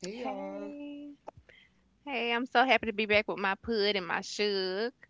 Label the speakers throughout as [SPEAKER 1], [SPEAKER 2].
[SPEAKER 1] Hey y'all.
[SPEAKER 2] Hey, hey, I'm so happy to be back with my pud and my sugar.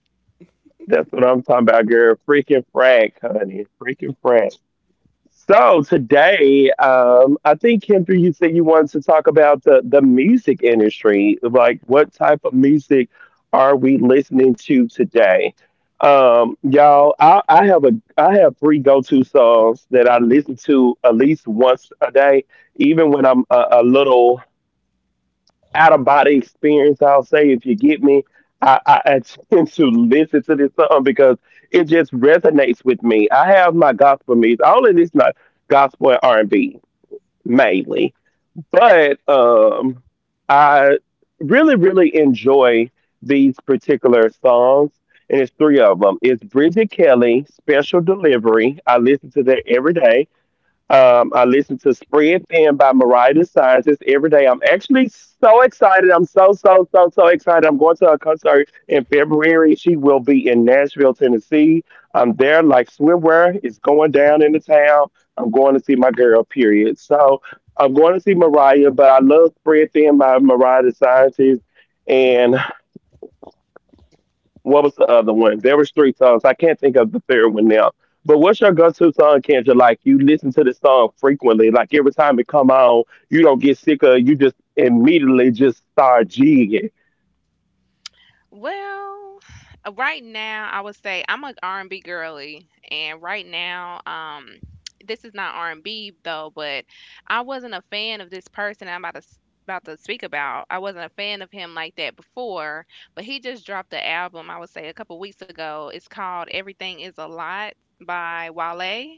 [SPEAKER 2] Well, right now I would say I'm a R&B girly, and right now, this is not R&B though, but I wasn't a fan of this person I'm about to s- about to speak about. I wasn't a fan of him like that before, but he just dropped the album I would say a couple weeks ago. It's called Everything Is a Lot by Wale.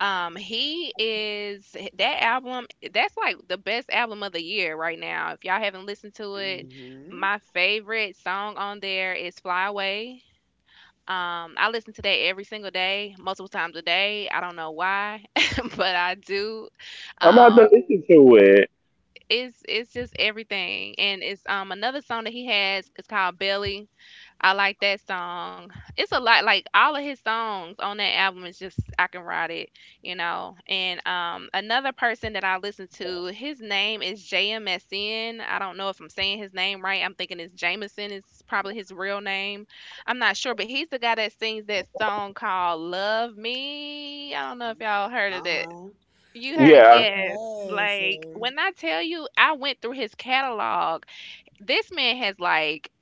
[SPEAKER 2] He is that album. That's like the best album of the year right now. If y'all haven't listened to it,
[SPEAKER 1] Mhm.
[SPEAKER 2] my favorite song on there is "Fly Away." I listen to that every single day, multiple times a day. I don't know why, but I do. Um, it's just everything, and it's another song that he has. It's called "Belly." I like that song. It's a lot like all of his songs on that album is just I can ride it, you know. And another person that I listen to, his name is JMSN. I don't know if I'm saying his name right. I'm thinking it's Jameson is probably his real name. I'm not sure, but he's the guy that sings that song called Love Me. I don't know if y'all heard of that.
[SPEAKER 1] Uh-huh.
[SPEAKER 2] You heard it? Yes.
[SPEAKER 1] Yes.
[SPEAKER 2] Like when I tell you I went through his catalog, this man has like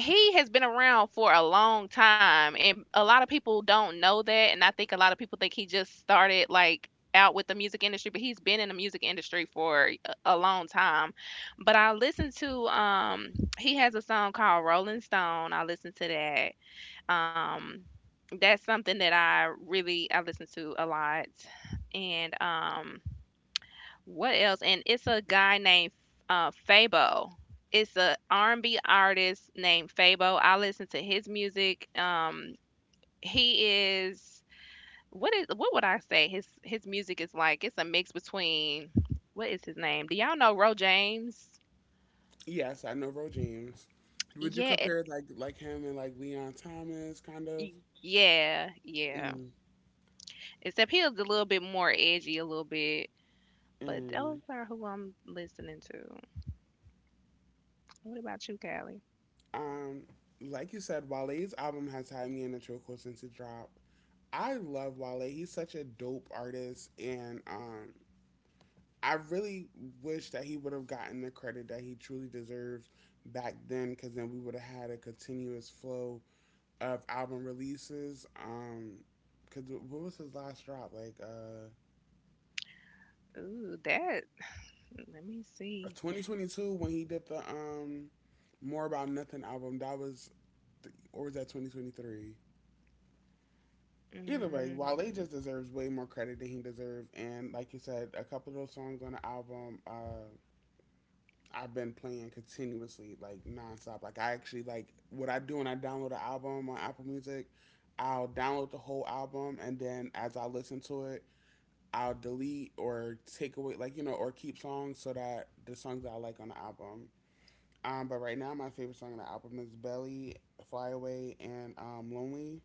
[SPEAKER 2] he has been around for a long time, and a lot of people don't know that. And I think a lot of people think he just started like out with the music industry, but he's been in the music industry for a long time. But I listened to he has a song called Rolling Stone. I listened to that. um that's something that I really I listen to a lot. And what else? And it's a guy named Fabo. It's a R&B artist named Fabo. I listen to his music. He is what would I say? His music is like it's a mix between what is his name? Do y'all know Ro James?
[SPEAKER 1] Yes, I know Ro James. Would you
[SPEAKER 2] Yeah,
[SPEAKER 1] compare like him and like Leon Thomas kind of?
[SPEAKER 2] yeah.
[SPEAKER 1] Mm.
[SPEAKER 2] Except he was a little bit more edgy, a little bit. But
[SPEAKER 1] Mm.
[SPEAKER 2] those are who I'm listening to. What about you, Callie?
[SPEAKER 1] Um, like you said, Wale's album has had me in a chokehold since it dropped. I love Wale. He's such a dope artist, and I really wish that he would have gotten the credit that he truly deserves back then, because then we would have had a continuous flow of album releases. Cause what was his last drop? Like
[SPEAKER 2] Ooh, that. Let me see.
[SPEAKER 1] 2022 when he did the More About Nothing album. Or was that 2023? Either way, Wale
[SPEAKER 2] Mm,
[SPEAKER 1] just deserves way more credit than he deserves. And like you said, a couple of those songs on the album, I've been playing continuously, like nonstop. Like I actually like what I do when I download an album on Apple Music. I'll download the whole album, and then as I listen to it, I'll delete or take away, like, you know, or keep songs so that the songs that I like on the album. But right now, my favorite song on the album is Belly, Fly Away, and Lonely.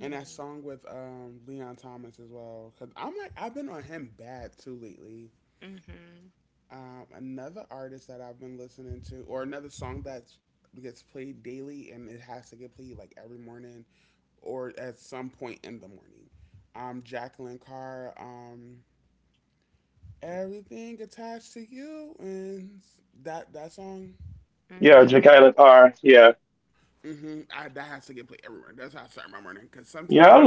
[SPEAKER 1] And that song with Leon Thomas as well. Because I'm like, I've been on him bad too lately.
[SPEAKER 2] mhm,
[SPEAKER 1] Another artist that I've been listening to, or another song that gets played daily, and it has to get played like every morning or at some point in the morning. Jacqueline Carr, Everything Attached to You, and that song.
[SPEAKER 2] mhm.
[SPEAKER 1] Mm-hmm. That has to get played everywhere. That's how I start my morning. Because sometimes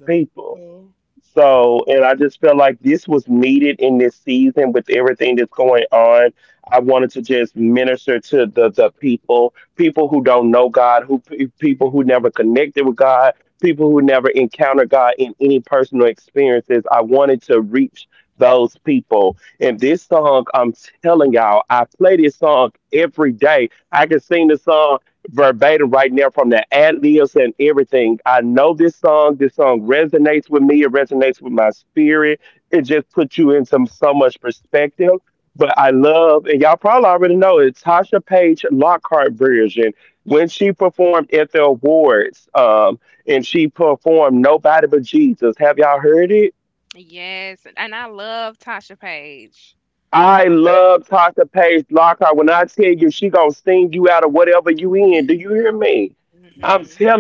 [SPEAKER 1] the people,
[SPEAKER 2] Yes, and I love Tasha Page.
[SPEAKER 1] yes,
[SPEAKER 2] Mhm,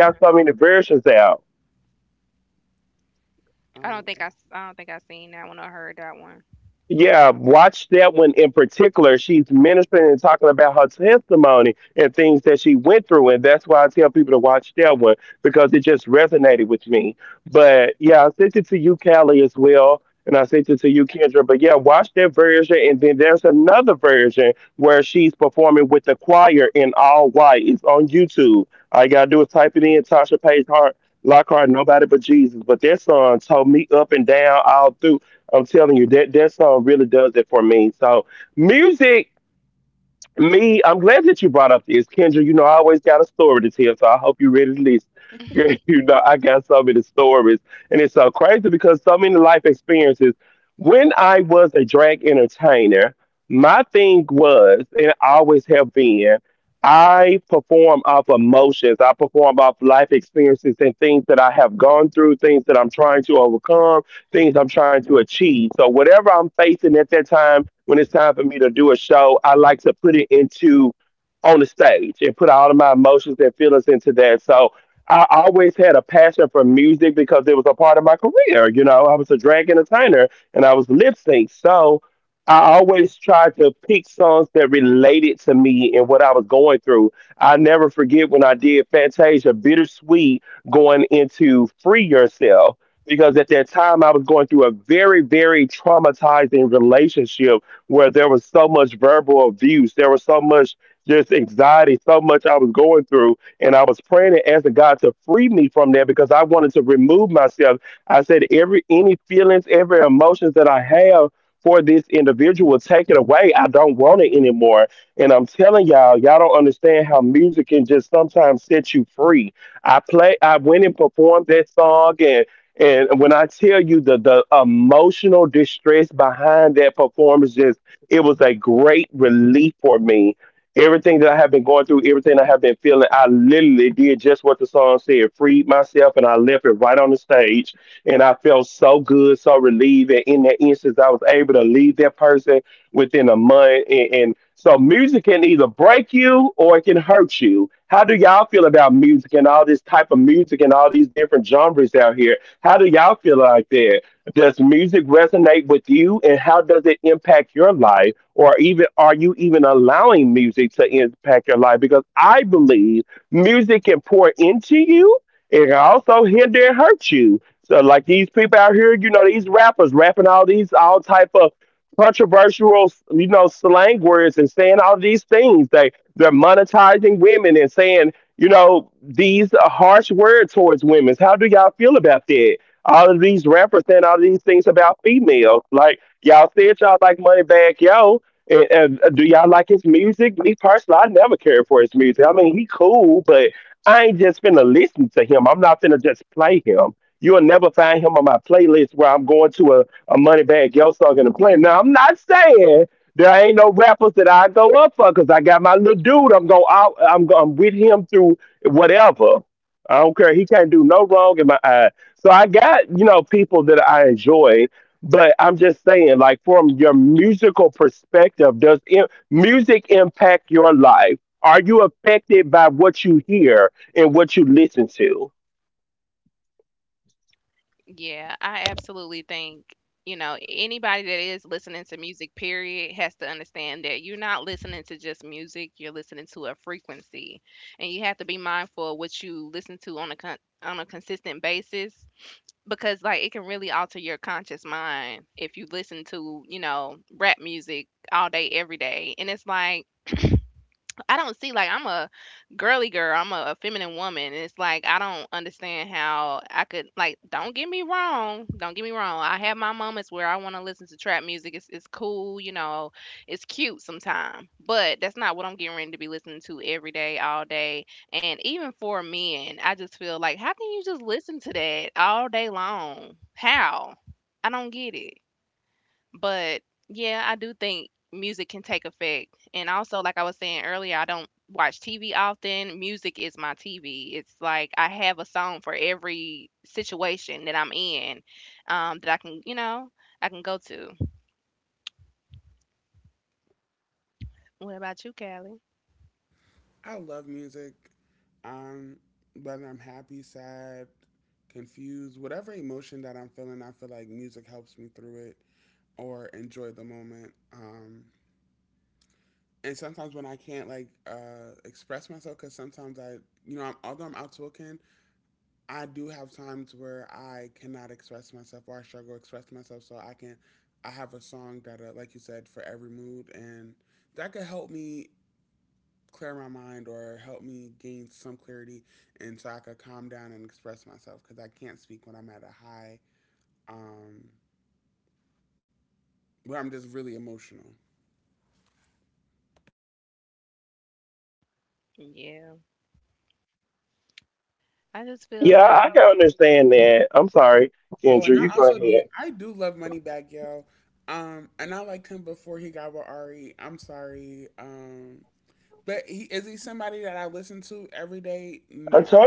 [SPEAKER 2] mhm.
[SPEAKER 1] um,
[SPEAKER 2] I don't think I seen that one or heard that one. Yeah, I absolutely think, you know, anybody that is listening to music, period, has to understand that you're not listening to just music, you're listening to a frequency. And you have to be mindful of what you listen to on on a consistent basis, because like it can really alter your conscious mind if you listen to, you know, rap music all day every day. And it's like I don't see like I'm a girly girl. I'm a feminine woman, and it's like I don't understand how I could like. Don't get me wrong. Don't get me wrong. I have my moments where I want to listen to trap music. It's cool, you know. It's cute sometimes, but that's not what I'm getting ready to be listening to every day, all day. And even for men, I just feel like how can you just listen to that all day long? How? I don't get it. But yeah, I do think music can take effect. And also, like I was saying earlier, I don't watch TV often. Music is my TV. It's like I have a song for every situation that I'm in, that I can, you know, I can go to. What about you, Callie?
[SPEAKER 1] I love music. Um, whether I'm happy, sad, confused, whatever emotion that I'm feeling, I feel like music helps me through it or enjoy the moment. And sometimes when I can't like express myself, because sometimes I'm, although I'm outspoken, I do have times where I cannot express myself or I struggle express myself, so I can. I have a song that, like you said, for every mood, and that could help me clear my mind or help me gain some clarity, and so I could calm down and express myself because I can't speak when I'm at a high, um, where I'm just really emotional.
[SPEAKER 2] Yeah, I just feel like
[SPEAKER 1] Oh, and I also do. I do love Money Bag Yo. And I liked him before he got with Ari. I'm sorry. But he is he somebody that I listen to every day? No.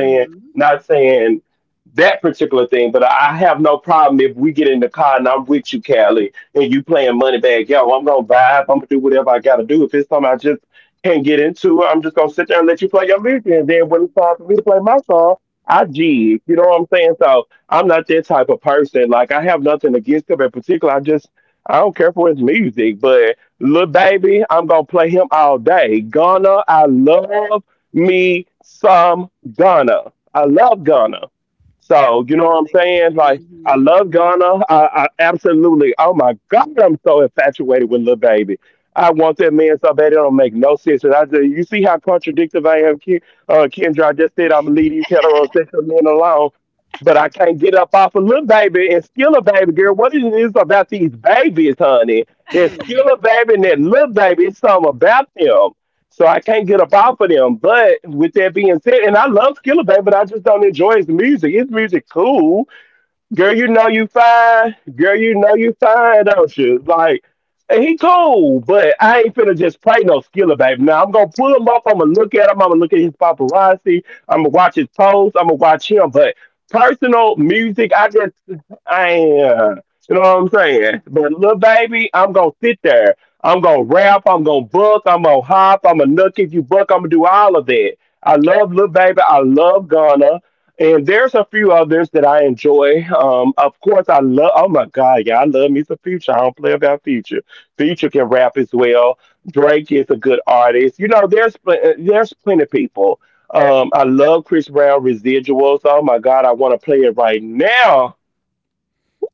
[SPEAKER 1] Mhm.
[SPEAKER 2] absolutely.
[SPEAKER 1] Mhm. Mm.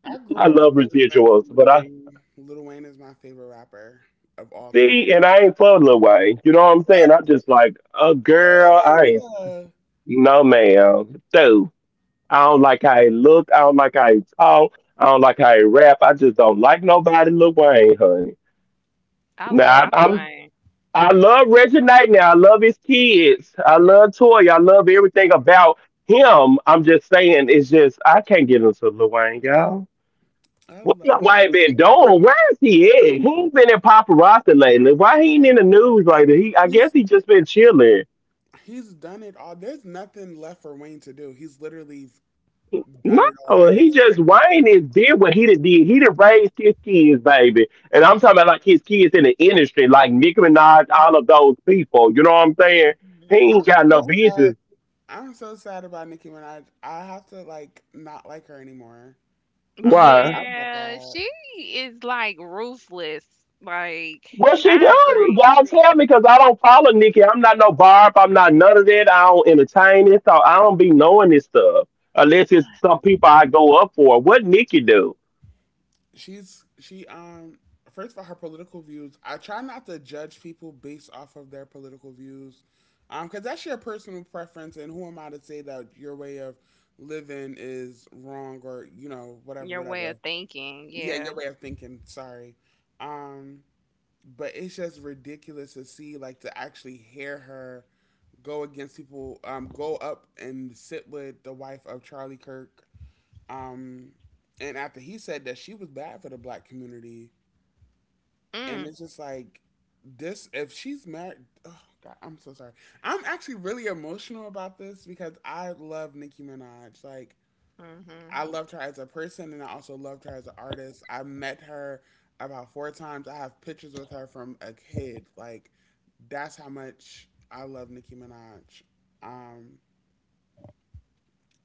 [SPEAKER 1] I grew up listening to Lil Wayne. Lil Wayne is my favorite rapper of all time. What? Wayne?
[SPEAKER 2] I love Lil Wayne.
[SPEAKER 1] I love him. He's he's done it all. There's nothing left for Wayne to do. He's literally done it all, and he's set the standard.
[SPEAKER 2] Mhm.
[SPEAKER 1] Mhm. I'm so sad. I'm so sad about Nicki Minaj. I have to like not like her anymore. I'm so sad about
[SPEAKER 2] Yeah,
[SPEAKER 1] that.
[SPEAKER 2] she is like ruthless. Like I agree.
[SPEAKER 1] She first of all, her political views. I try not to judge people based off of their political views, because that's your personal preference, and who am I to say that your way of living is wrong, or you know, whatever
[SPEAKER 2] Your way of
[SPEAKER 1] whatever.
[SPEAKER 2] thinking,
[SPEAKER 1] Yeah, your
[SPEAKER 2] yeah.
[SPEAKER 1] way of thinking. Sorry, um, but it's just ridiculous to see, like to actually hear her go against people, go up and sit with the wife of Charlie Kirk, um, and after he said that she was bad for the black community, and
[SPEAKER 2] Mm,
[SPEAKER 1] it's just like this, if she's married, oh god, I'm so sorry. I'm actually really emotional about this because I love Nicki Minaj, like I
[SPEAKER 2] mhm.
[SPEAKER 1] loved her as a person, and I also loved her as an artist. I met her about four times. I have pictures with her from a kid. Like that's how much I love Nicki Minaj. um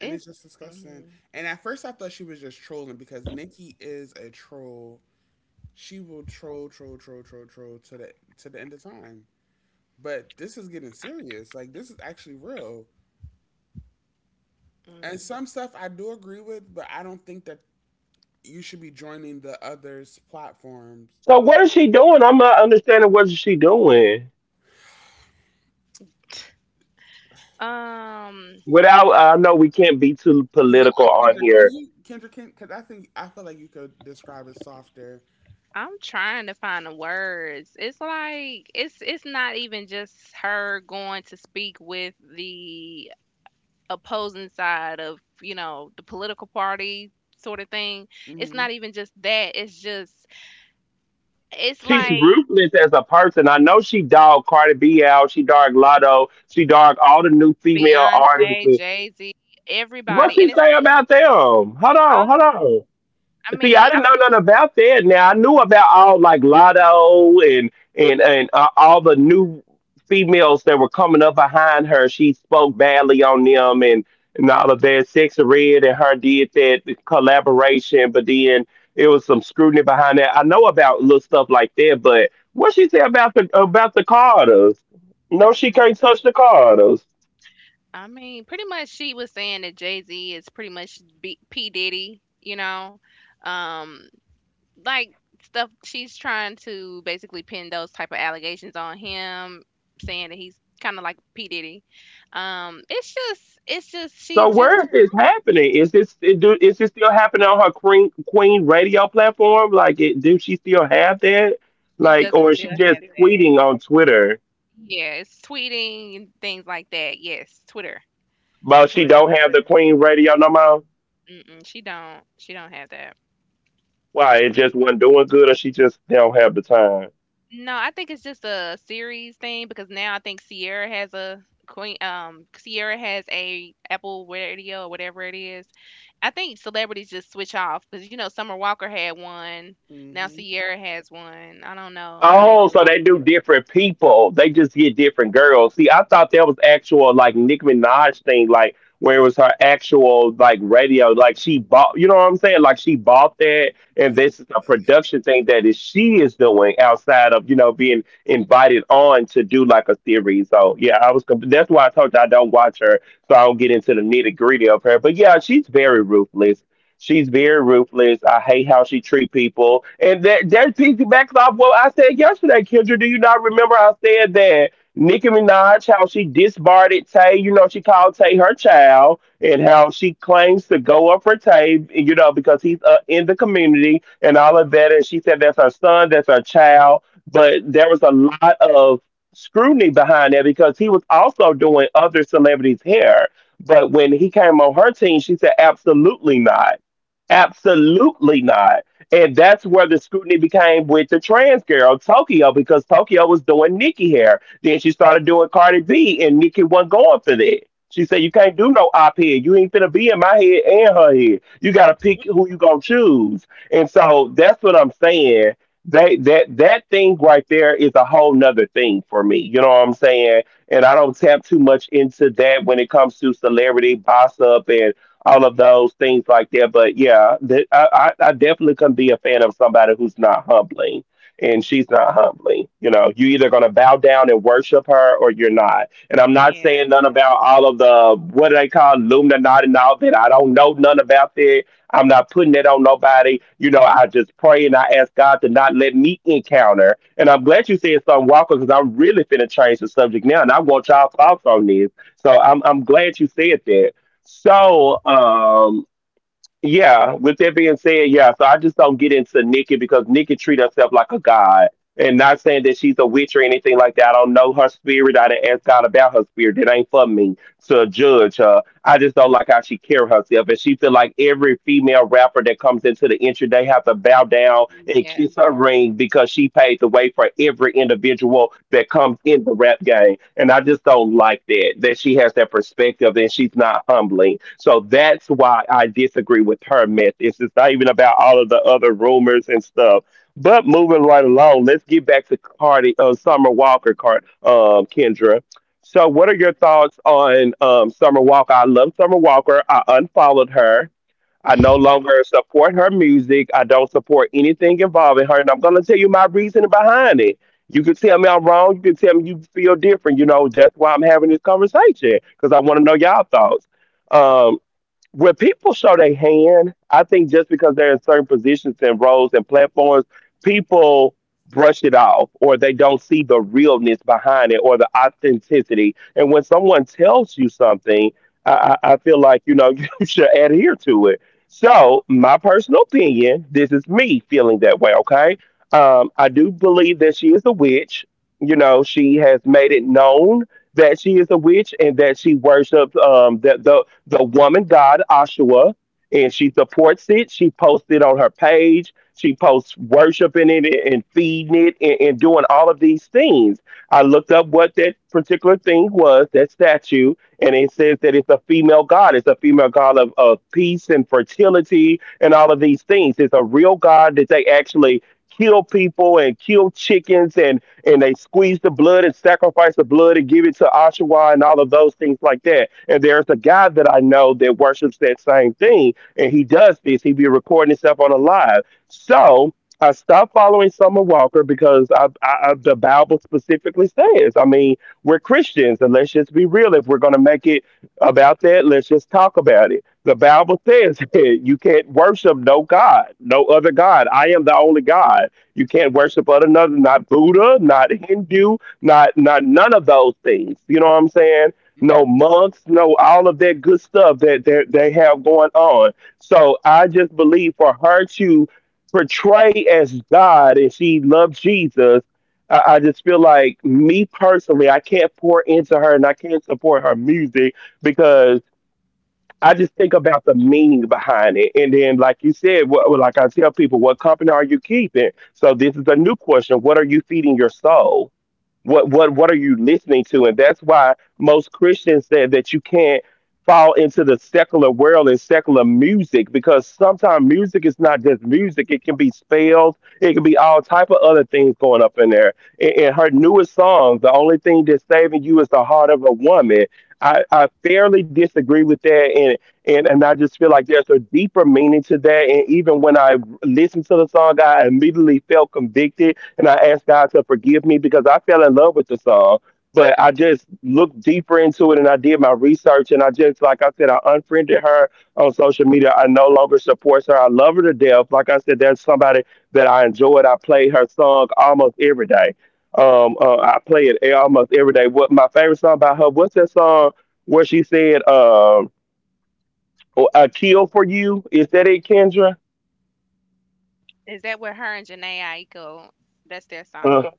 [SPEAKER 1] and it's just disgusting.
[SPEAKER 2] mhm,
[SPEAKER 1] And at first I thought she was just trolling, because Nicki is a troll. She will troll to the end of time. But this is getting serious. Like, this is actually real. And
[SPEAKER 2] mm.
[SPEAKER 1] some stuff I do agree with, but I don't think that you should be joining the others' platforms.
[SPEAKER 2] Um,
[SPEAKER 1] Yeah, Kendra, can you Kendra can because I think I feel like you could describe it softer.
[SPEAKER 2] I'm trying to find the words. It's like it's not even just her going to speak with the opposing side of, you know, the political party sort of thing. It's
[SPEAKER 1] Mhm,
[SPEAKER 2] not even just that. It's just it's like Beyonce, Jay-Z, everybody. And it's oh, I mean, mm. I mean, pretty much she was saying that Jay Z is pretty much B- P Diddy, you know, um, like stuff. She's trying to basically pin those type of allegations on him, saying that he's kind of like P Diddy. It's just, she's just, she doesn't still have that. Yeah, it's tweeting and things like that. Yes, Twitter, Twitter. Mm-mm, she don't have that. No, I think it's just a series thing because now I think Sierra has a Queen Sierra has a Apple Radio or whatever it is. I think celebrities just switch off because you know Summer Walker had one, now
[SPEAKER 1] mhm,
[SPEAKER 2] Sierra has one. I don't know how they do it. Mhm. Yeah, yeah.
[SPEAKER 1] mhm,
[SPEAKER 2] Is that where her and Janae Aiko? That's their song.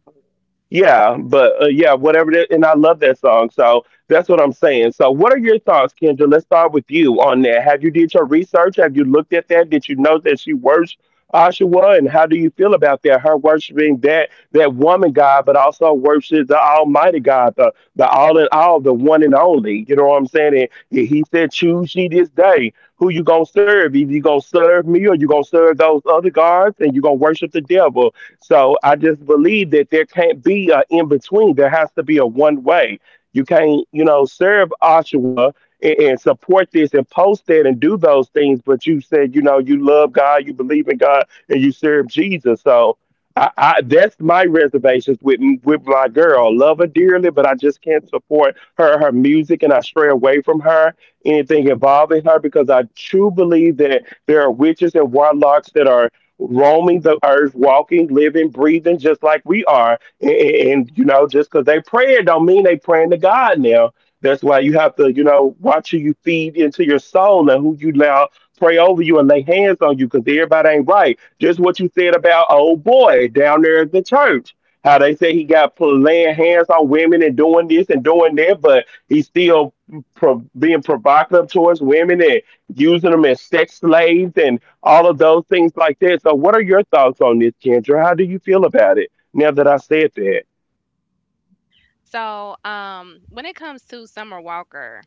[SPEAKER 2] So, when it comes to Summer Walker,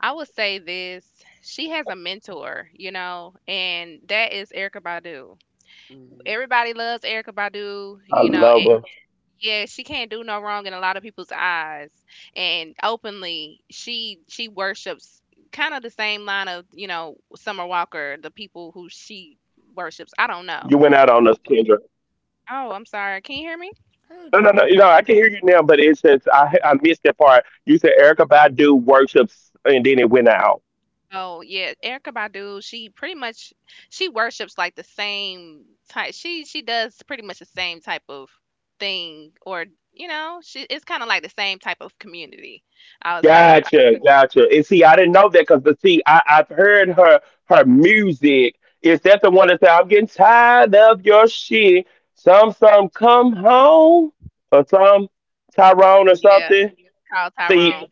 [SPEAKER 2] I would say this: she has a mentor, you know, and that is Erica Badu.
[SPEAKER 1] mhm.
[SPEAKER 2] Everybody loves Erica Badu, you know, and yeah, she can't do no wrong in a lot of people's eyes. And openly, she worships kind of the same line of, you know, Summer Walker, the people who she worships. I don't know. Oh, I'm sorry. Can you hear me?
[SPEAKER 1] I heard you.
[SPEAKER 2] Oh, yeah, Erica Badu, she pretty much she worships like the same type. She does pretty much the same type of thing. Or you know, she it's kind of like the same type of community, I would say. Yeah, called Tyrone.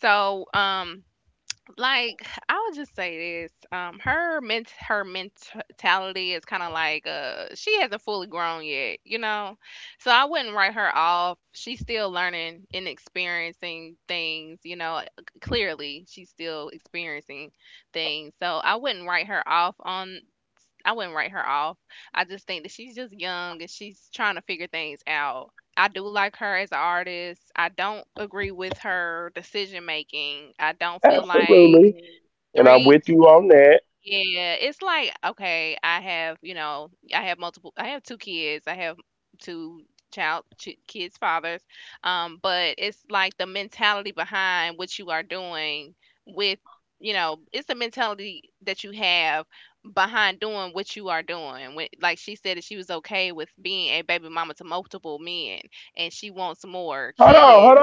[SPEAKER 2] So, like I'll just say this, her mentality is kind of like she hasn't fully grown yet, you know. So I wouldn't write her off. She's still learning and experiencing things, you know. Clearly, she's still experiencing things. So I wouldn't write her off on I wouldn't write her off. I just think that she's just young and she's trying to figure things out. I do like her as an artist. I don't agree with her decision making. I don't feel like three Yeah, it's like, okay, I have, you know, I have multiple, I have 2 kids, I have two child ch kids' fathers, but it's like the mentality behind what you are doing with, you know, it's the mentality that you have behind doing what you are doing. When, like she said that she was okay with being a baby mama to multiple men and she wants more kids.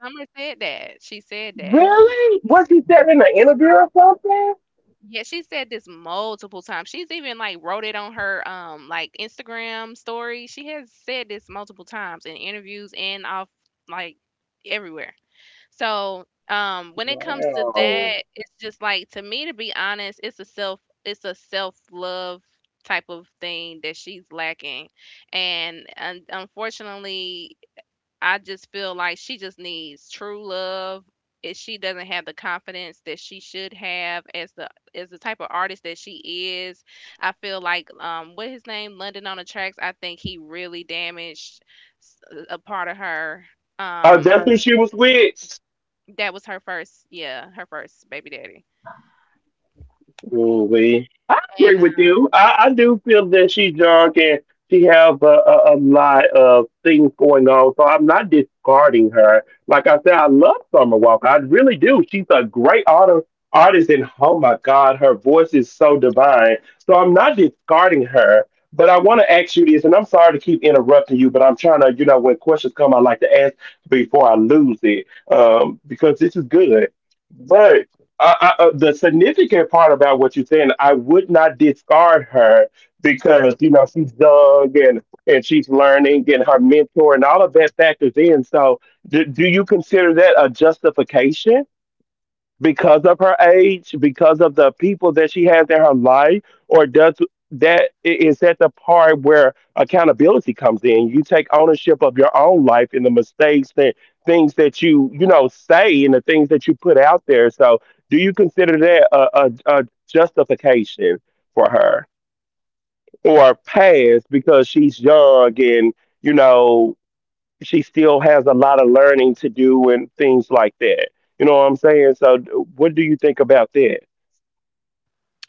[SPEAKER 2] Summer said that. She said that. Yeah, she said this multiple times. She's even like wrote it on her like Instagram story. She has said this multiple times in interviews and off like everywhere. So when it comes to that, it's just like to me to be honest, it's a self love type of thing that she's lacking. And unfortunately I just feel like she just needs true love. If she doesn't have the confidence that she should have as the type of artist that she is, I feel like what his name London on the tracks. I think he really damaged s- a part of her. Um, that was her first, yeah, her first baby daddy. And um,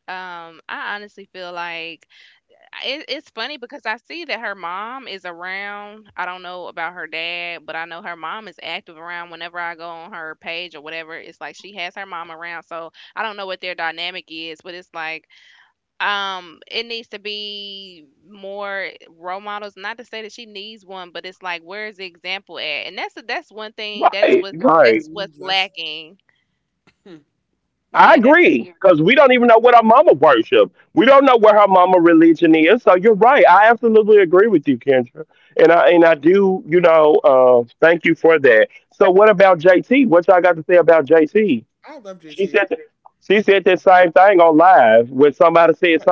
[SPEAKER 2] um, I honestly feel like it's funny because I see that her mom is around. I don't know about her dad, but I know her mom is active around whenever I go on her page or whatever. It's like she has her mom around. So I don't know what their dynamic is, but it's like it needs to be more role models. Not to say that she needs one, but it's like where's the example at? And that's one thing that is what that's
[SPEAKER 1] Mm.
[SPEAKER 2] what's
[SPEAKER 1] Let's.
[SPEAKER 2] lacking.
[SPEAKER 1] Hmm.
[SPEAKER 2] Yeah,
[SPEAKER 1] I love JT. But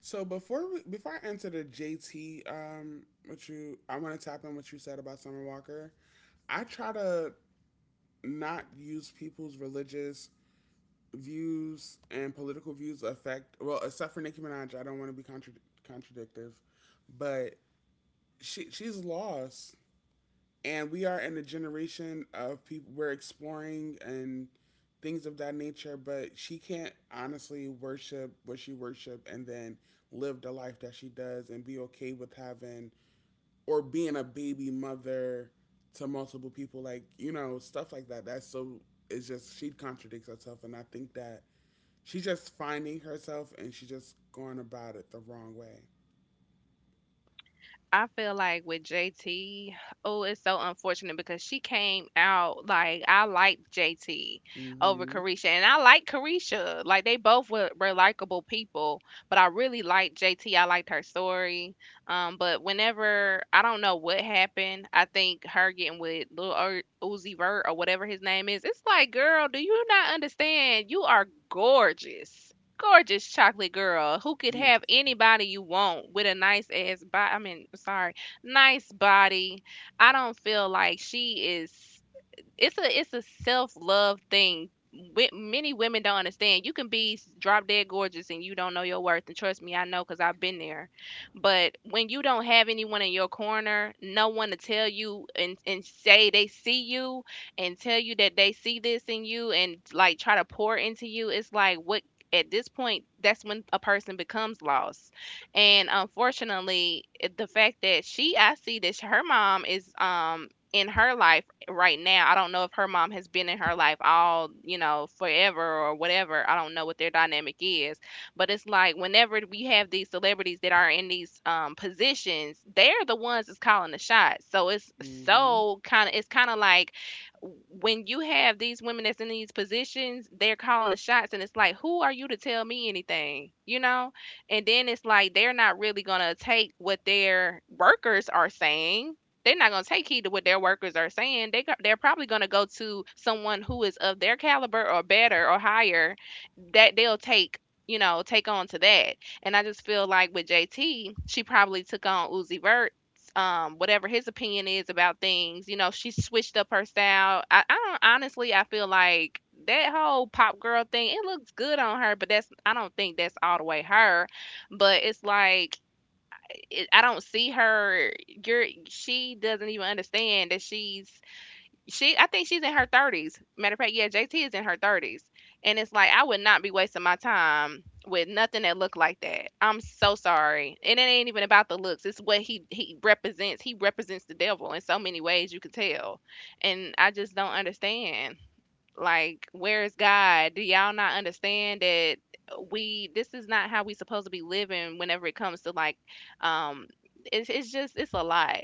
[SPEAKER 1] before I answer the JT, what you I want to tap on what you said about Summer Walker. I try to not use people's religious views and political views affect, well, except for Nicki Minaj. I don't want to be contradictive, but she's lost, and we are in a generation of people we're exploring and things of that nature. But she can't honestly worship what she worship and then live the life that she does and be okay with having or being a baby mother to multiple people. Like, you know, stuff like that, that's so, it's just, she contradicts herself. And I think that she's just finding herself and she's just going about it the wrong way.
[SPEAKER 2] I feel like with JT, oh, it's so unfortunate because she came out like I liked JT over
[SPEAKER 1] Mm-hmm.
[SPEAKER 2] Carisha, and I like Carisha. Like they both were likable people, but I really liked JT. I liked her story. But whenever I don't know what happened, I think her getting with Uzi Vert or whatever his name is. It's like, girl, do you not understand? You are gorgeous. Gorgeous chocolate girl who could
[SPEAKER 1] Beautiful.
[SPEAKER 2] have anybody you want with a nice ass body. I mean, sorry, nice body. I don't feel like she is it's a self-love thing. Many women don't understand. You can be drop dead gorgeous and you don't know your worth. And trust me, I know because I've been there. But when you don't have anyone in your corner, no one to tell you and say they see you and tell you that they see this in you and like try to pour into you, it's like what at this point that's when a person becomes lost and unfortunately the fact that she I see that sh- her mom is in her life right now. I don't know if her mom has been in her life all, forever or whatever. I don't know what their dynamic is. But it's like whenever we have these celebrities that are in these positions, they're the ones that's calling the shots. So
[SPEAKER 1] Mm-hmm.
[SPEAKER 2] it's kind of like when you have these women that's in these positions, they're calling the shots. And it's like, who are you to tell me anything, And then it's like, they're not really going to take what their workers are saying. They're not going to take heed to what their workers are saying. They go- they're probably going to go to someone who is of their caliber or better or higher that they'll take take on to that. And I just feel like with JT, she probably took on Uzi Vert. Whatever his opinion is about things, you know, she switched up her style. I don't honestly, I feel like that whole pop girl thing, it looks good on her, but that's I don't think that's all the way her. But it's like it, I don't see her. You're she doesn't even understand that she's she. I think she's in her thirties. Matter of fact, yeah, JT is in her thirties, and it's like I would not be wasting my time with nothing that looked like that. I'm so sorry, and it ain't even about the looks. It's what he represents. He represents the devil in so many ways you can tell, and I just don't understand. Like, where is God? Do y'all not understand that we this is not how we supposed to be living whenever it comes to like um it's just it's a lot.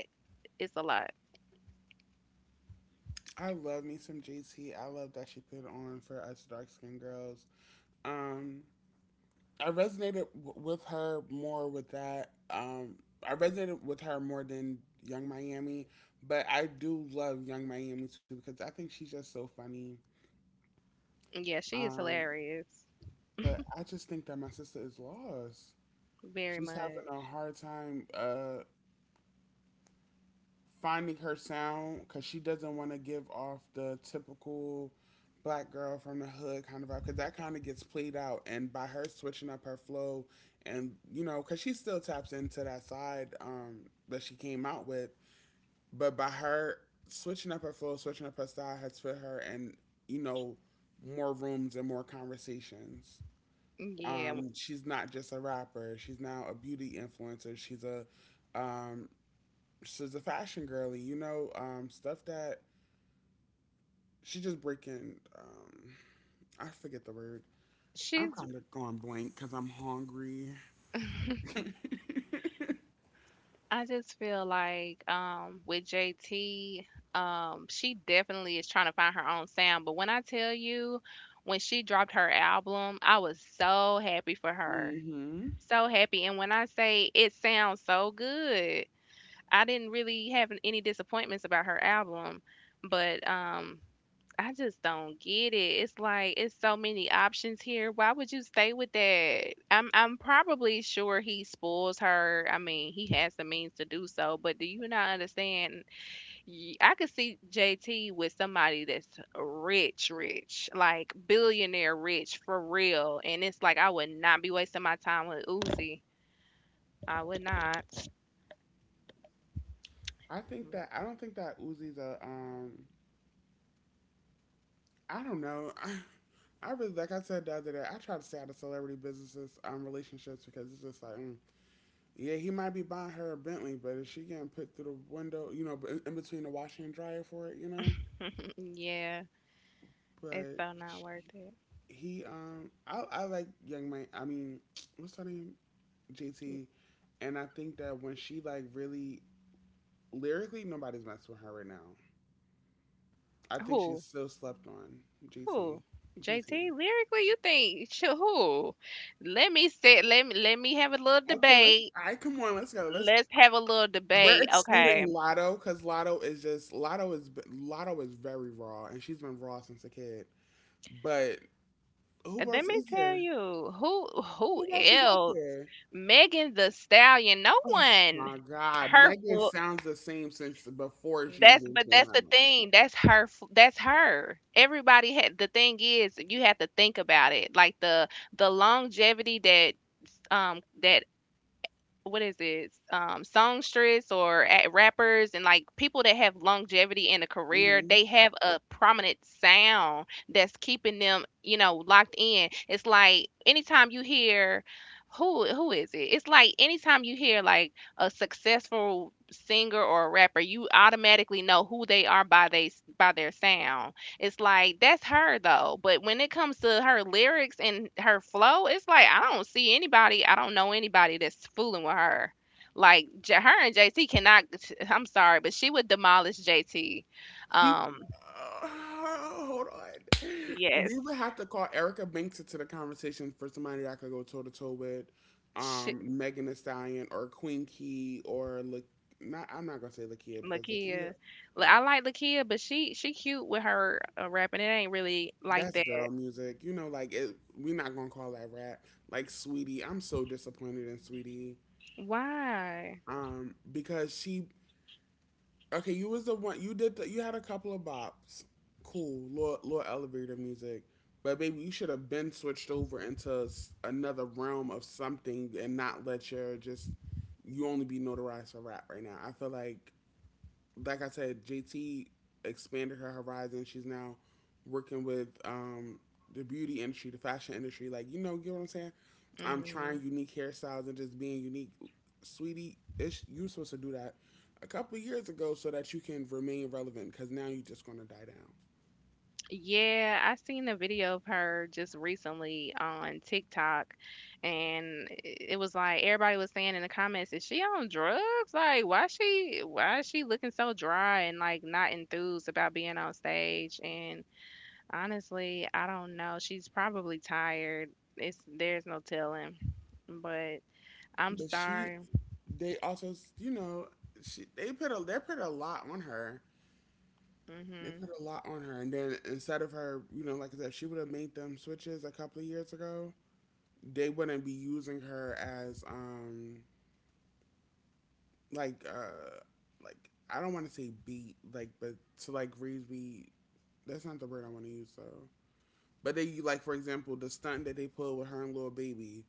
[SPEAKER 2] It's a lot.
[SPEAKER 1] I love me some JT. I love that she put it on for us dark skinned girls. Um, I resonated with her more with that. I resonated with her more than Young Miami, but I do love Young Miami too because I think she's just so funny.
[SPEAKER 2] Yeah, she is
[SPEAKER 1] Um,
[SPEAKER 2] hilarious.
[SPEAKER 1] but I just think that my sister is lost.
[SPEAKER 2] Very
[SPEAKER 1] She's having a
[SPEAKER 2] much.
[SPEAKER 1] hard time finding her sound because she doesn't want to give off the typical black girl from the hood kind of vibe, because that kind of gets played out. And by her switching up her flow, and you know, because she still taps into that side, that she came out with, but by her switching up her flow, switching up her style, has put her in, you know, more rooms and more conversations.
[SPEAKER 2] Yeah.
[SPEAKER 1] She's not just a rapper, she's now a beauty influencer, um she's a fashion girly, you know, stuff that she just breaking. I forget the word. I'm
[SPEAKER 2] She's
[SPEAKER 1] kind of going blank because I'm hungry.
[SPEAKER 2] I just feel like with JT, she definitely is trying to find her own sound. But when I tell you when she dropped her album, I was so happy for her.
[SPEAKER 1] Hmm.
[SPEAKER 2] So happy. And when I say it sounds so good, I didn't really have any disappointments about her album, but I just don't get it. It's like it's so many options here. Why would you stay with that? I'm probably sure he spoils her. I mean, he has the means to do so, but do you not understand? Y- I could see JT with somebody that's rich, rich, like billionaire rich for real, and it's like I would not be wasting my time with Uzi. I would not.
[SPEAKER 1] I think that I don't think that Uzi's a. I don't know. I really, like I said the other day, I try to stay out of celebrity businesses, relationships, because it's just like, mm, yeah, he might be buying her a Bentley, but is she getting put through the window? You know, in between the washing and dryer for it, you know.
[SPEAKER 2] Mm, yeah, it's
[SPEAKER 1] But
[SPEAKER 2] so not
[SPEAKER 1] she
[SPEAKER 2] worth it.
[SPEAKER 1] he I like young man, I mean, what's her name, JT, and I think that when she like really lyrically nobody's messing with her right now. I think she's
[SPEAKER 2] Who?
[SPEAKER 1] still slept on.
[SPEAKER 2] Who?
[SPEAKER 1] JT.
[SPEAKER 2] JT
[SPEAKER 1] JT.
[SPEAKER 2] lyrically, you think sh- who? Let me sit. Let me have a little
[SPEAKER 1] Okay, let's
[SPEAKER 2] debate.
[SPEAKER 1] I, come on, let's go, let's,
[SPEAKER 2] Let's have a little
[SPEAKER 1] we're
[SPEAKER 2] debate,
[SPEAKER 1] excluding
[SPEAKER 2] okay?
[SPEAKER 1] Lotto, because Lotto is just, Lotto is very raw, and she's been raw since a kid. But who
[SPEAKER 2] Let
[SPEAKER 1] else
[SPEAKER 2] me
[SPEAKER 1] is
[SPEAKER 2] tell
[SPEAKER 1] there?
[SPEAKER 2] you who
[SPEAKER 1] Who else is out
[SPEAKER 2] else?
[SPEAKER 1] there?
[SPEAKER 2] Megan the Stallion. No
[SPEAKER 1] Oh
[SPEAKER 2] one.
[SPEAKER 1] my God,
[SPEAKER 2] Her
[SPEAKER 1] Megan
[SPEAKER 2] full.
[SPEAKER 1] sounds the same since before she
[SPEAKER 2] That's
[SPEAKER 1] even
[SPEAKER 2] but
[SPEAKER 1] came
[SPEAKER 2] that's the
[SPEAKER 1] out.
[SPEAKER 2] thing. That's her. Fu- That's her. Everybody had. The thing is, you have to think about it. Like the longevity that that what is it songstress or at rappers and like people that have longevity in a career
[SPEAKER 1] Hmm.
[SPEAKER 2] they have a prominent sound that's keeping them, you know, locked in. It's like anytime you hear who is it, it's like anytime you hear like a successful singer or a rapper you automatically know who they are by they by their sound. It's like that's her though, but when it comes to her lyrics and her flow, it's like I don't see anybody, I don't know anybody that's fooling with her. Like J- her and JT cannot. I'm sorry, but she would demolish JT.
[SPEAKER 1] She,
[SPEAKER 2] Um,
[SPEAKER 1] hold on.
[SPEAKER 2] yes,
[SPEAKER 1] We would have to call Erica Banks into the conversation for somebody that I could go toe to toe with,
[SPEAKER 2] she,
[SPEAKER 1] Megan Thee Stallion, or Queen Key, or like. Not, I'm not gonna say Lakia, because Lakia,
[SPEAKER 2] Lakia. Li- I like Lakia, but she cute with her rapping. It ain't really like
[SPEAKER 1] that's
[SPEAKER 2] that.
[SPEAKER 1] girl music. You know, like, it, we're not gonna call that rap. Like Sweetie, I'm so disappointed in Sweetie
[SPEAKER 2] Why?
[SPEAKER 1] because she, okay, you was the one. You did. You had a couple of bops. Cool, Lord, Lord elevator music. But baby, you should have been switched over into another realm of something and not let your just you only be notarized for rap right now. I feel like I said, JT expanded her horizon. She's now working with the beauty industry, the fashion industry. Like, you know what I'm saying? I'm
[SPEAKER 2] Mm-hmm.
[SPEAKER 1] trying unique hairstyles and just being unique. Sweetie, it's, you're supposed to do that a couple of years ago so that you can remain relevant, because now you're just going to die down.
[SPEAKER 2] Yeah, I seen a video of her just recently on TikTok, and I- it was like everybody was saying in the comments, "Is she on drugs? Like, why she why is she looking so dry and like not enthused about being on stage?" And honestly, I don't know. She's probably tired. It's there's no telling, but I'm
[SPEAKER 1] But she,
[SPEAKER 2] sorry.
[SPEAKER 1] they also, you know, she they put a lot on her. They
[SPEAKER 2] Mhm.
[SPEAKER 1] put a lot on her, and then instead of her, you know, like I said, if she would have made them switches a couple of years ago, they wouldn't be using her as like uh like I don't want to say beat like but to like Reeves, that's not the word I want to use, so but they, like for example the stunt that they pulled with her and little baby,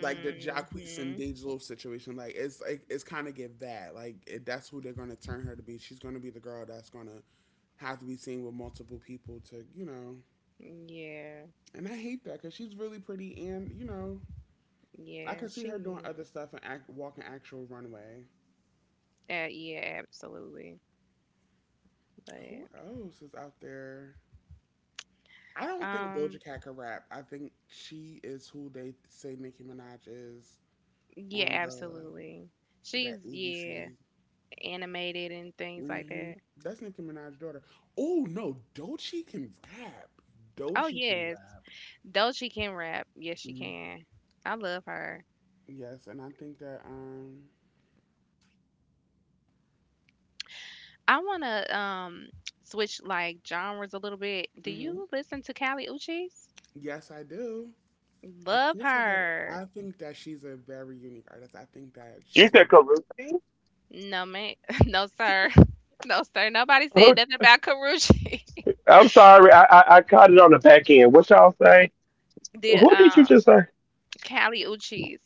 [SPEAKER 1] like the Jacquees and Dej Dejlo situation, like it's kind of give that like it, that's who they're gonna turn her to be. She's gonna be the girl that's gonna have to be seen with multiple people to you know.
[SPEAKER 2] Yeah.
[SPEAKER 1] And I hate that because she's really pretty and you know I
[SPEAKER 2] Yeah,
[SPEAKER 1] could see her doing
[SPEAKER 2] she is.
[SPEAKER 1] other stuff and act, walking actual runway.
[SPEAKER 2] Yeah, absolutely. But
[SPEAKER 1] Who else is out there? I don't think Doja
[SPEAKER 2] Um,
[SPEAKER 1] Cat can rap. I think she is who they say Nicki Minaj is
[SPEAKER 2] yeah,
[SPEAKER 1] on the
[SPEAKER 2] absolutely. She's
[SPEAKER 1] that
[SPEAKER 2] yeah,
[SPEAKER 1] ABC.
[SPEAKER 2] animated and things like
[SPEAKER 1] hmm
[SPEAKER 2] that.
[SPEAKER 1] That's Nicki Minaj's daughter. Oh no, Dochi can rap.
[SPEAKER 2] Oh
[SPEAKER 1] Dochi can
[SPEAKER 2] yes.
[SPEAKER 1] rap.
[SPEAKER 2] Though she can rap, yes she
[SPEAKER 1] Mhm.
[SPEAKER 2] can. I love her.
[SPEAKER 1] Yes, and I think that
[SPEAKER 2] I wanna switch like genres a little bit. Do
[SPEAKER 1] mhm.
[SPEAKER 2] you listen to Kali Uchis?
[SPEAKER 1] Yes, I do. Of
[SPEAKER 2] Love
[SPEAKER 1] course, I got. It. I
[SPEAKER 2] her.
[SPEAKER 1] think that she's a very unique artist. I think that she's gonna.
[SPEAKER 2] No man no sir. No sir. Nobody said nothing about Karuchi. the Callie Uchis.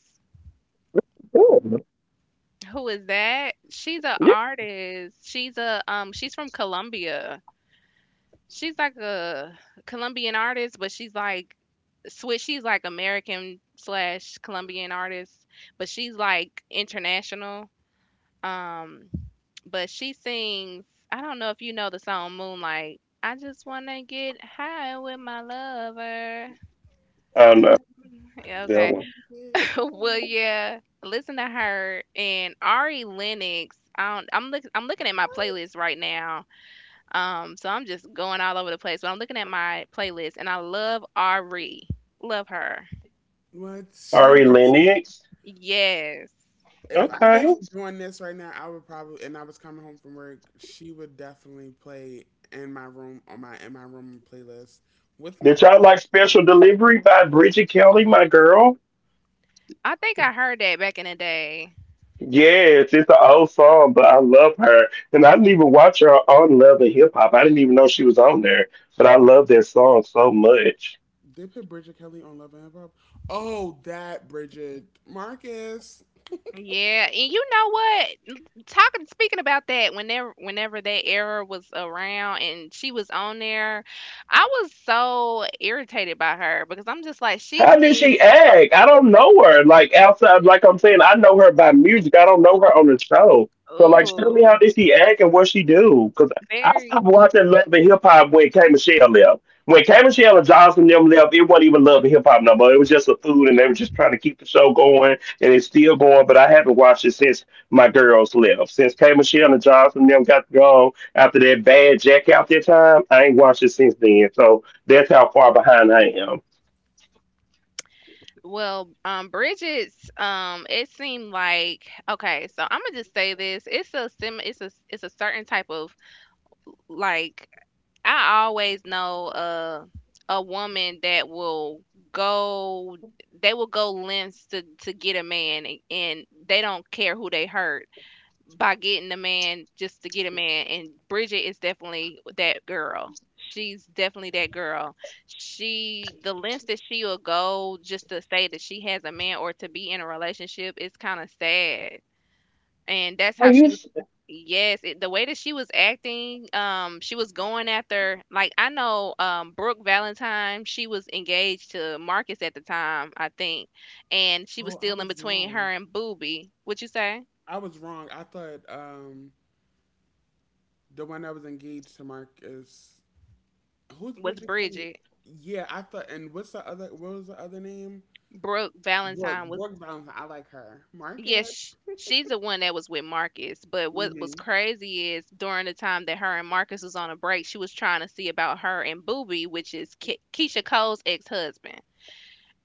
[SPEAKER 2] Who is that? She's an artist. She's a she's from Colombia. She's like a Colombian artist, but she's like switch. She's like American slash Colombian artist, but she's like international. Um, but she sings. I don't know if you know the song Moonlight. I just wanna get high with my lover. Um,
[SPEAKER 1] I'm
[SPEAKER 2] yeah,
[SPEAKER 1] just
[SPEAKER 2] okay.
[SPEAKER 1] so good.
[SPEAKER 2] well, yeah. Listen to her and Ari Lennox. I don't, I'm look, I'm looking at my
[SPEAKER 1] What?
[SPEAKER 2] playlist right now so I'm just going all over the place, but I'm looking at my playlist and I love Ari. Love her.
[SPEAKER 1] What? She makes.
[SPEAKER 2] Yes.
[SPEAKER 1] If I wasn't doing this right now, I would probably, and I was coming home from work, she would definitely play in my room on my in my room playlist with my book. On.
[SPEAKER 2] I think I heard that back in the day.
[SPEAKER 1] They put Bridget Kelly on Love and Hip Hop. Oh, that Bridget Marcus.
[SPEAKER 2] Yeah, and you know what? Talking speaking about that whenever that era was around and she was on there, I was so irritated by her because I'm just like she seemed ooh, very Well, Bridget's, it seemed like okay. So I'm gonna just say this. It's a sim. It's a certain type of like I always know a woman that will go. They will go lengths to get a man, and they don't care who they hurt by getting a man just to get a man and Bridget is definitely that girl. She's definitely that girl. She the lengths that she will go just to say that she has a man or to be in a relationship is kind of sad. And that's how she was Yes, it, the way that she was acting, she was going after like I know Brooke Valentine, she was engaged to Marcus at the time, I think, and she was
[SPEAKER 1] Oh, I
[SPEAKER 2] still in
[SPEAKER 1] was
[SPEAKER 2] between her
[SPEAKER 1] wrong.
[SPEAKER 2] and Booby. What you say?
[SPEAKER 1] I was wrong. I thought the one that was engaged to Marcus. Who's
[SPEAKER 2] Was
[SPEAKER 1] Bridget Kelly?
[SPEAKER 2] Bridget?
[SPEAKER 1] Yeah, I thought. And what's the other? What was the other name?
[SPEAKER 2] Brooke
[SPEAKER 1] Brooke.
[SPEAKER 2] Valentine was
[SPEAKER 1] Brooke Valentine. I like her. Marcus.
[SPEAKER 2] yes, she's the one that was with Marcus. But what was
[SPEAKER 1] Mhm.
[SPEAKER 2] crazy is during the time that her and Marcus was on a break, she was trying to see about her and Booby, which is Keisha Cole's ex husband.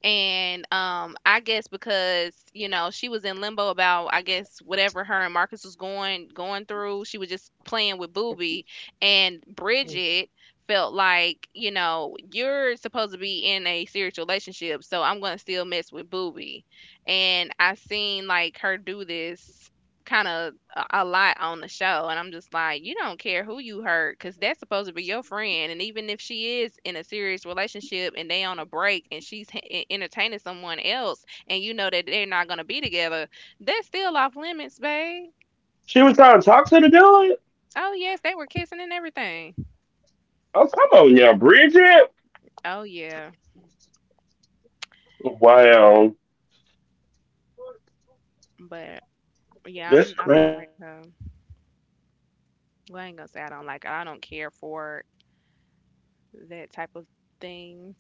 [SPEAKER 2] And I guess because you know she was in limbo about I guess whatever her and Marcus was going through, she was just playing with Booby, and Bridget felt like you know you're supposed to be in a serious relationship, so I'm gonna still mess with Booby, and I seen like her do this kind of a lot on the show, and I'm just like, you don't care who you hurt, cause that's supposed to be your friend. And even if she is in a serious relationship and they on a break and she's h- e- entertaining someone else, and you know that they're not gonna be together, that's still off limits, babe. Oh yes, they were kissing and everything. Oh yeah, but yeah, I'm I don't like her. Well, I ain't gonna say I don't like her. I don't care for that type of things.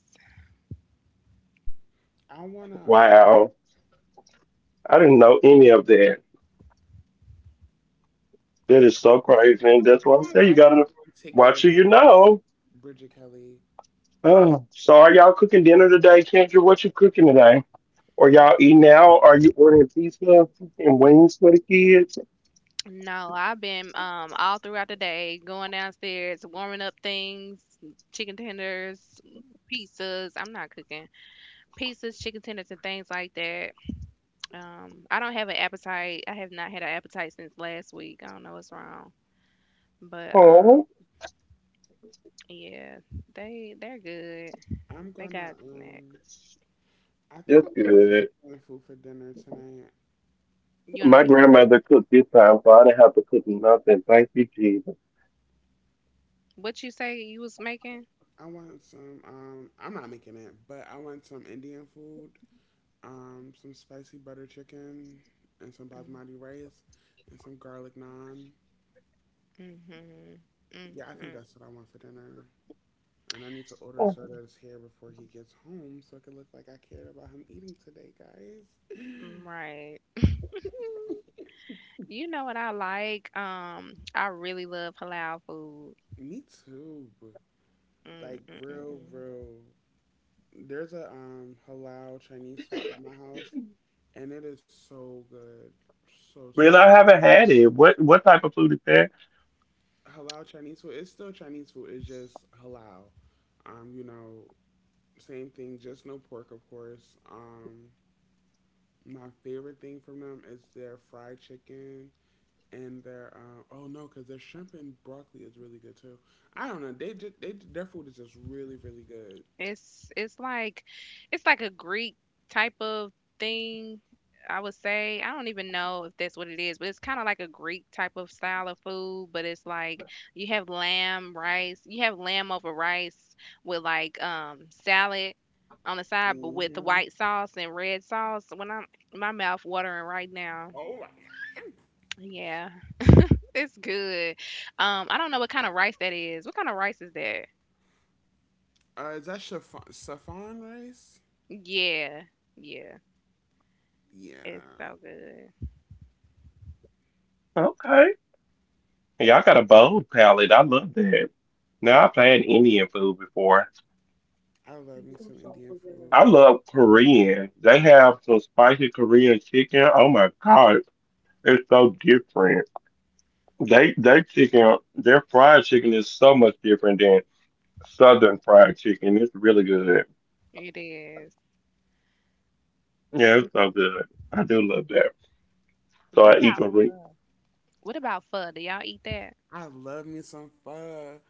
[SPEAKER 1] I wanna. I gotta actually go and take a look at Bridget Kelly.
[SPEAKER 2] No, I've been all throughout the day going downstairs, warming up things, chicken tenders, pizzas. I'm not cooking pizzas, chicken tenders, and things like that. I don't have an appetite. I have not had an appetite since last week. I don't know what's wrong, but yeah, they're good.
[SPEAKER 1] I'm
[SPEAKER 2] They
[SPEAKER 1] gonna.
[SPEAKER 2] got snacks.
[SPEAKER 1] I think I'm Indian food for dinner tonight.
[SPEAKER 2] You wanna make what? What you say you was making?
[SPEAKER 1] I want some. I'm not making it, but I want some Indian food. Some spicy butter chicken and some
[SPEAKER 2] Mm,
[SPEAKER 1] basmati rice and some garlic naan.
[SPEAKER 2] mhm,
[SPEAKER 1] Yeah, I think that's what I want for dinner. And I need to order it so that it's here before he gets home, so it can look like I cared about him eating today, guys.
[SPEAKER 2] mhm, right. You know what I like? I really love halal food.
[SPEAKER 1] Me too.
[SPEAKER 2] Mm,
[SPEAKER 1] Like
[SPEAKER 2] mm, mm,
[SPEAKER 1] real,
[SPEAKER 2] mm.
[SPEAKER 1] real. There's a halal Chinese spot by my house, and it is so good, so so good. Halal Chinese food. It's still Chinese food. It's just halal. You know, same thing. Just no pork, of course. My favorite thing from them is their fried chicken and their oh no, because their shrimp and broccoli is really good too. I don't know. They just they their food is just really really good.
[SPEAKER 2] It's like it's like a Greek type of thing, I would say. I don't even know if that's what it is, but it's kind of like a Greek type of style of food, but it's like you have lamb, rice, you have lamb over rice with like salad on the side, but with the
[SPEAKER 1] Hmm.
[SPEAKER 2] white sauce and red sauce. When I'm my mouth watering right now.
[SPEAKER 1] Oh my.
[SPEAKER 2] Yeah. It's good. I don't know what kind of rice that is. What kind of rice is that?
[SPEAKER 1] Is that chiffon, saffron rice?
[SPEAKER 2] Yeah, yeah.
[SPEAKER 1] Yeah.
[SPEAKER 2] It's so good.
[SPEAKER 1] I love me some Indian food.
[SPEAKER 2] It is. It- What about pho? What about pho? Do y'all eat that?
[SPEAKER 1] I love me some pho.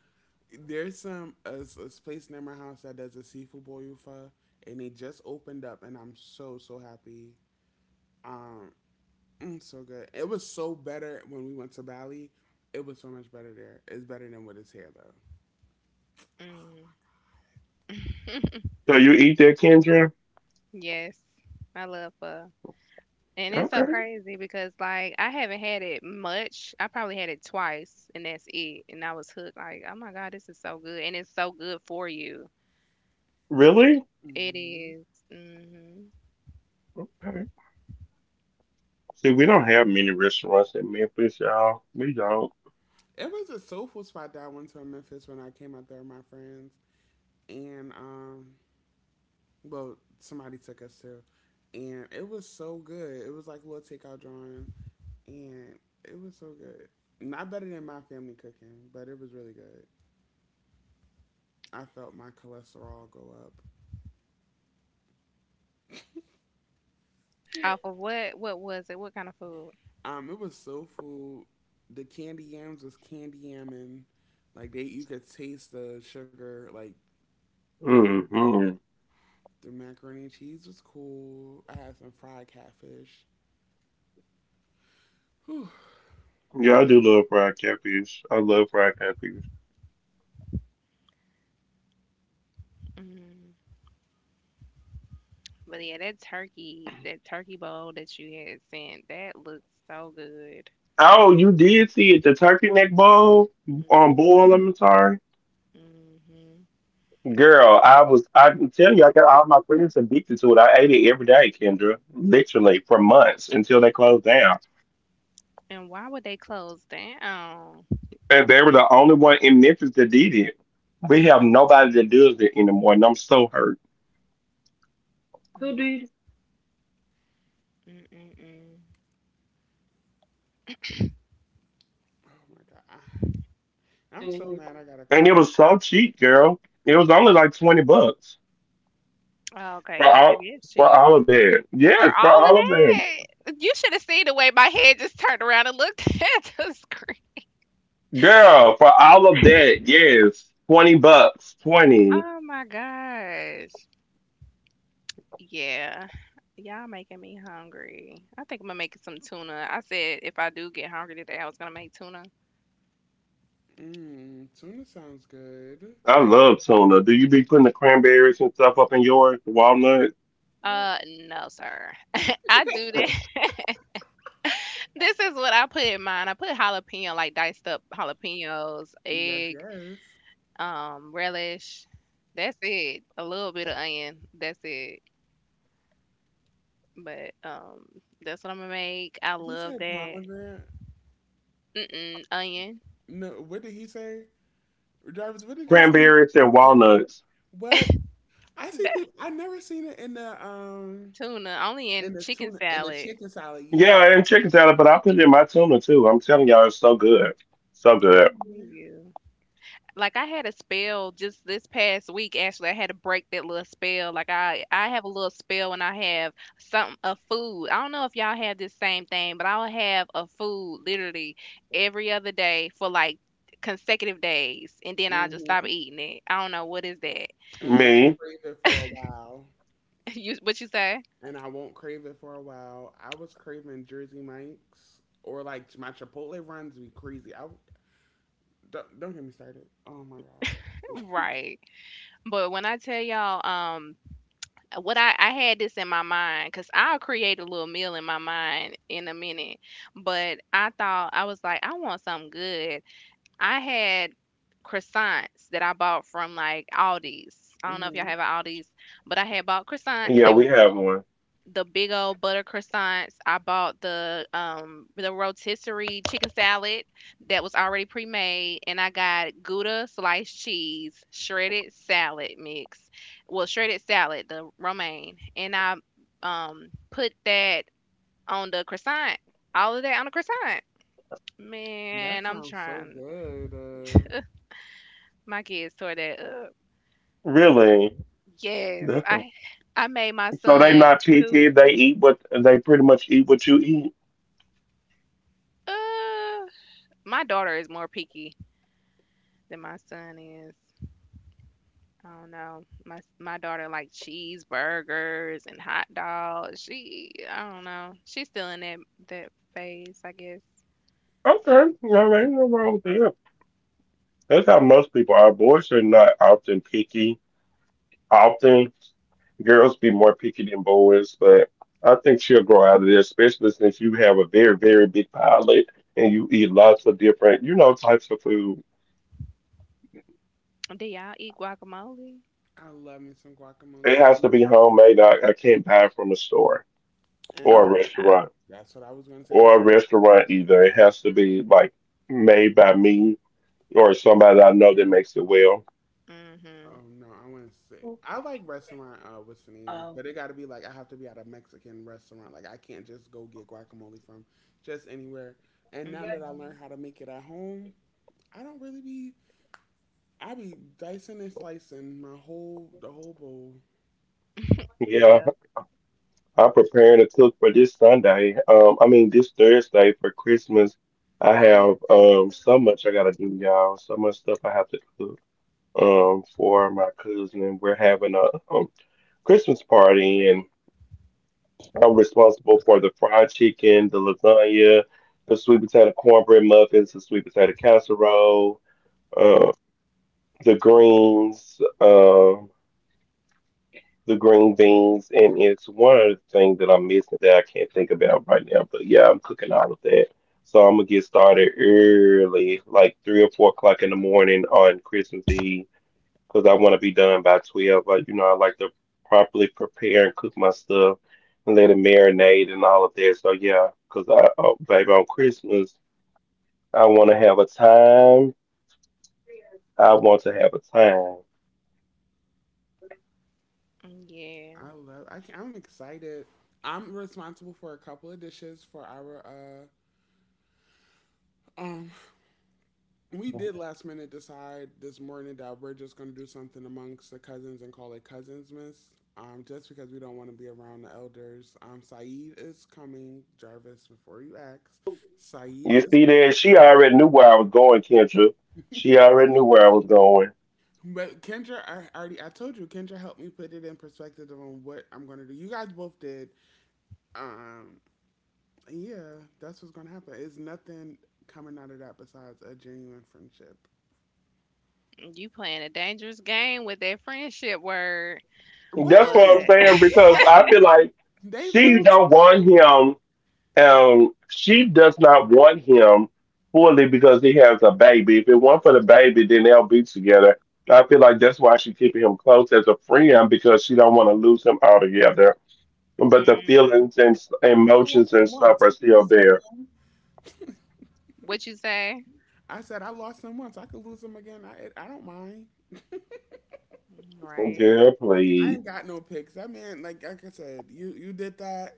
[SPEAKER 1] There's some a place near my house that does a seafood boil pho, and they just opened up, and I'm so so happy. Um, mm, so good. It was so better when we went to Bali. It was so much better there. It's better than what is here though.
[SPEAKER 2] Mm, yes, I love pho. And it's so crazy because like I haven't had it much. I probably had it twice, and that's it. And I was hooked. Like, oh my God, this is so good, and it's so good for you. It
[SPEAKER 1] Hmm.
[SPEAKER 2] is. Mm-hmm.
[SPEAKER 1] It was a soulful spot that I went to in Memphis when I came out there with my friends, and well, somebody took us to, and it was so good. It was like a little takeout drawing, and it was so good. Not better than my family cooking, but it was really good. I felt my cholesterol go up.
[SPEAKER 2] Off of what? What was it? What kind of food?
[SPEAKER 1] It was so full. The candy yams was candy yamming. Like they, you could taste the sugar. Like the macaroni and cheese was cool. I had some fried catfish. Whew.
[SPEAKER 2] Mm. But yeah, that turkey bowl that you had sent, that looked so good. Mm-hmm. And why would they close down? Mm, mm, mm,
[SPEAKER 1] Oh my god, I, I'm so mad. I gotta cook.
[SPEAKER 2] mm. Okay, yeah, that is cheap. For all of that, you should have seen the way my head just turned around and looked at the screen. Oh my gosh. Yeah. Y'all making me hungry. I think I'm gonna make some tuna. I said if I do get hungry today, I was gonna make tuna.
[SPEAKER 1] Mmm, tuna sounds good. But
[SPEAKER 2] No, sir. I do that. This is what I put in mine. I put jalapeno, like diced up jalapenos,
[SPEAKER 1] yes,
[SPEAKER 2] egg,
[SPEAKER 1] yes.
[SPEAKER 2] relish. That's it. A little bit of onion. That's it. But that's what I'm gonna make. I
[SPEAKER 1] He
[SPEAKER 2] love
[SPEAKER 1] said
[SPEAKER 2] that.
[SPEAKER 1] pomegranate.
[SPEAKER 2] Mm-mm, onion.
[SPEAKER 1] No, what did he say? Jarvis, what did you say? Mandarin? What? I see
[SPEAKER 2] That's
[SPEAKER 1] people I never seen it
[SPEAKER 2] tuna. Only
[SPEAKER 1] in
[SPEAKER 2] in
[SPEAKER 1] the
[SPEAKER 2] chicken
[SPEAKER 1] tuna in the
[SPEAKER 2] salad.
[SPEAKER 1] chicken salad, yeah.
[SPEAKER 2] I believe you. Like I had a spell just this past week actually. I had to break that little spell. Like I have a little spell and I have some a food. I don't know if y'all have this same thing, but I'll have a food literally every other day for like consecutive days and then I'll just stop
[SPEAKER 1] Mm-hmm.
[SPEAKER 2] eating it. I don't know what is that.
[SPEAKER 1] And won't crave it for a while.
[SPEAKER 2] you what you say?
[SPEAKER 1] And I won't crave it for a while. I was craving Jersey Mike's or like my Chipotle runs be crazy. I don't get me started. Oh my god.
[SPEAKER 2] Right. But when I tell y'all what I had this in my mind because I'll create a little meal in my mind in a minute. But I thought I was like, I want something good. I had croissants that I bought from like Aldi's. I don't know if y'all
[SPEAKER 1] hmm.
[SPEAKER 2] have Aldi's, but I had bought croissants. They were the big old butter croissants. I bought the rotisserie chicken salad that was already pre-made, and I got Gouda sliced cheese, shredded salad mix, well shredded salad, the romaine, and I put that on the croissant. All of that on the croissant.
[SPEAKER 1] That
[SPEAKER 2] Man, I'm
[SPEAKER 1] sounds so
[SPEAKER 2] trying.
[SPEAKER 1] good.
[SPEAKER 2] My kids tore that up. Yes, I made my son too. Uh, my daughter is more picky than my son is. I don't know. My daughter like cheeseburgers and hot dogs. She I don't know. She's still in that phase, I guess. Do y'all eat guacamole?
[SPEAKER 1] I love me some guacamole, and
[SPEAKER 2] Oh
[SPEAKER 1] that,
[SPEAKER 2] yeah, no.
[SPEAKER 1] that's what I was going to say. I have some, oh
[SPEAKER 2] Mhm.
[SPEAKER 1] no, I want to say I like restaurant. What's the name? But it got to be like I have to be at a Mexican restaurant. Like I can't just go get guacamole from just anywhere. And now that I
[SPEAKER 2] Mhm.
[SPEAKER 1] learned how to make it at home, I don't really be. I be dicing and slicing my whole the whole bowl.
[SPEAKER 2] Yeah. Mm, yeah.
[SPEAKER 1] I love. I can, I'm excited. I'm responsible for a couple of dishes for our uh um we did last minute decide this morning that we're just going to do something amongst the cousins and call it cousins miss, just because we don't want to be around the elders. Um, Saeed is coming. Jarvis, before you ask, Saeed is, but Kendra, I already, I told you Kendra helped me put it in perspective on what I'm going to do. You guys both did. Um, yeah, that's what's going to happen. It's nothing coming out of that besides a genuine friendship.
[SPEAKER 2] You playing a dangerous game with that friendship word,
[SPEAKER 1] What?
[SPEAKER 2] but
[SPEAKER 1] They are fri-, they friends too.
[SPEAKER 2] mm,
[SPEAKER 1] I lost them once. I can lose them again.
[SPEAKER 2] what you say?
[SPEAKER 1] I said I lost them once. I could lose them again. I don't mind.
[SPEAKER 2] Right.
[SPEAKER 1] I ain't got no picks. I mean, like I said, you did that.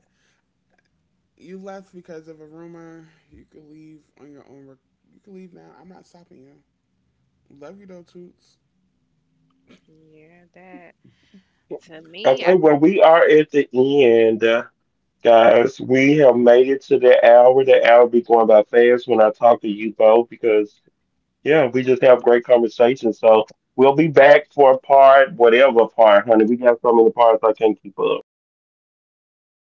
[SPEAKER 1] You left because of a rumor. You could leave on your own. Rec-, you could leave now. I'm not stopping you. Love you though, Toots.
[SPEAKER 2] Yeah, that to me, I just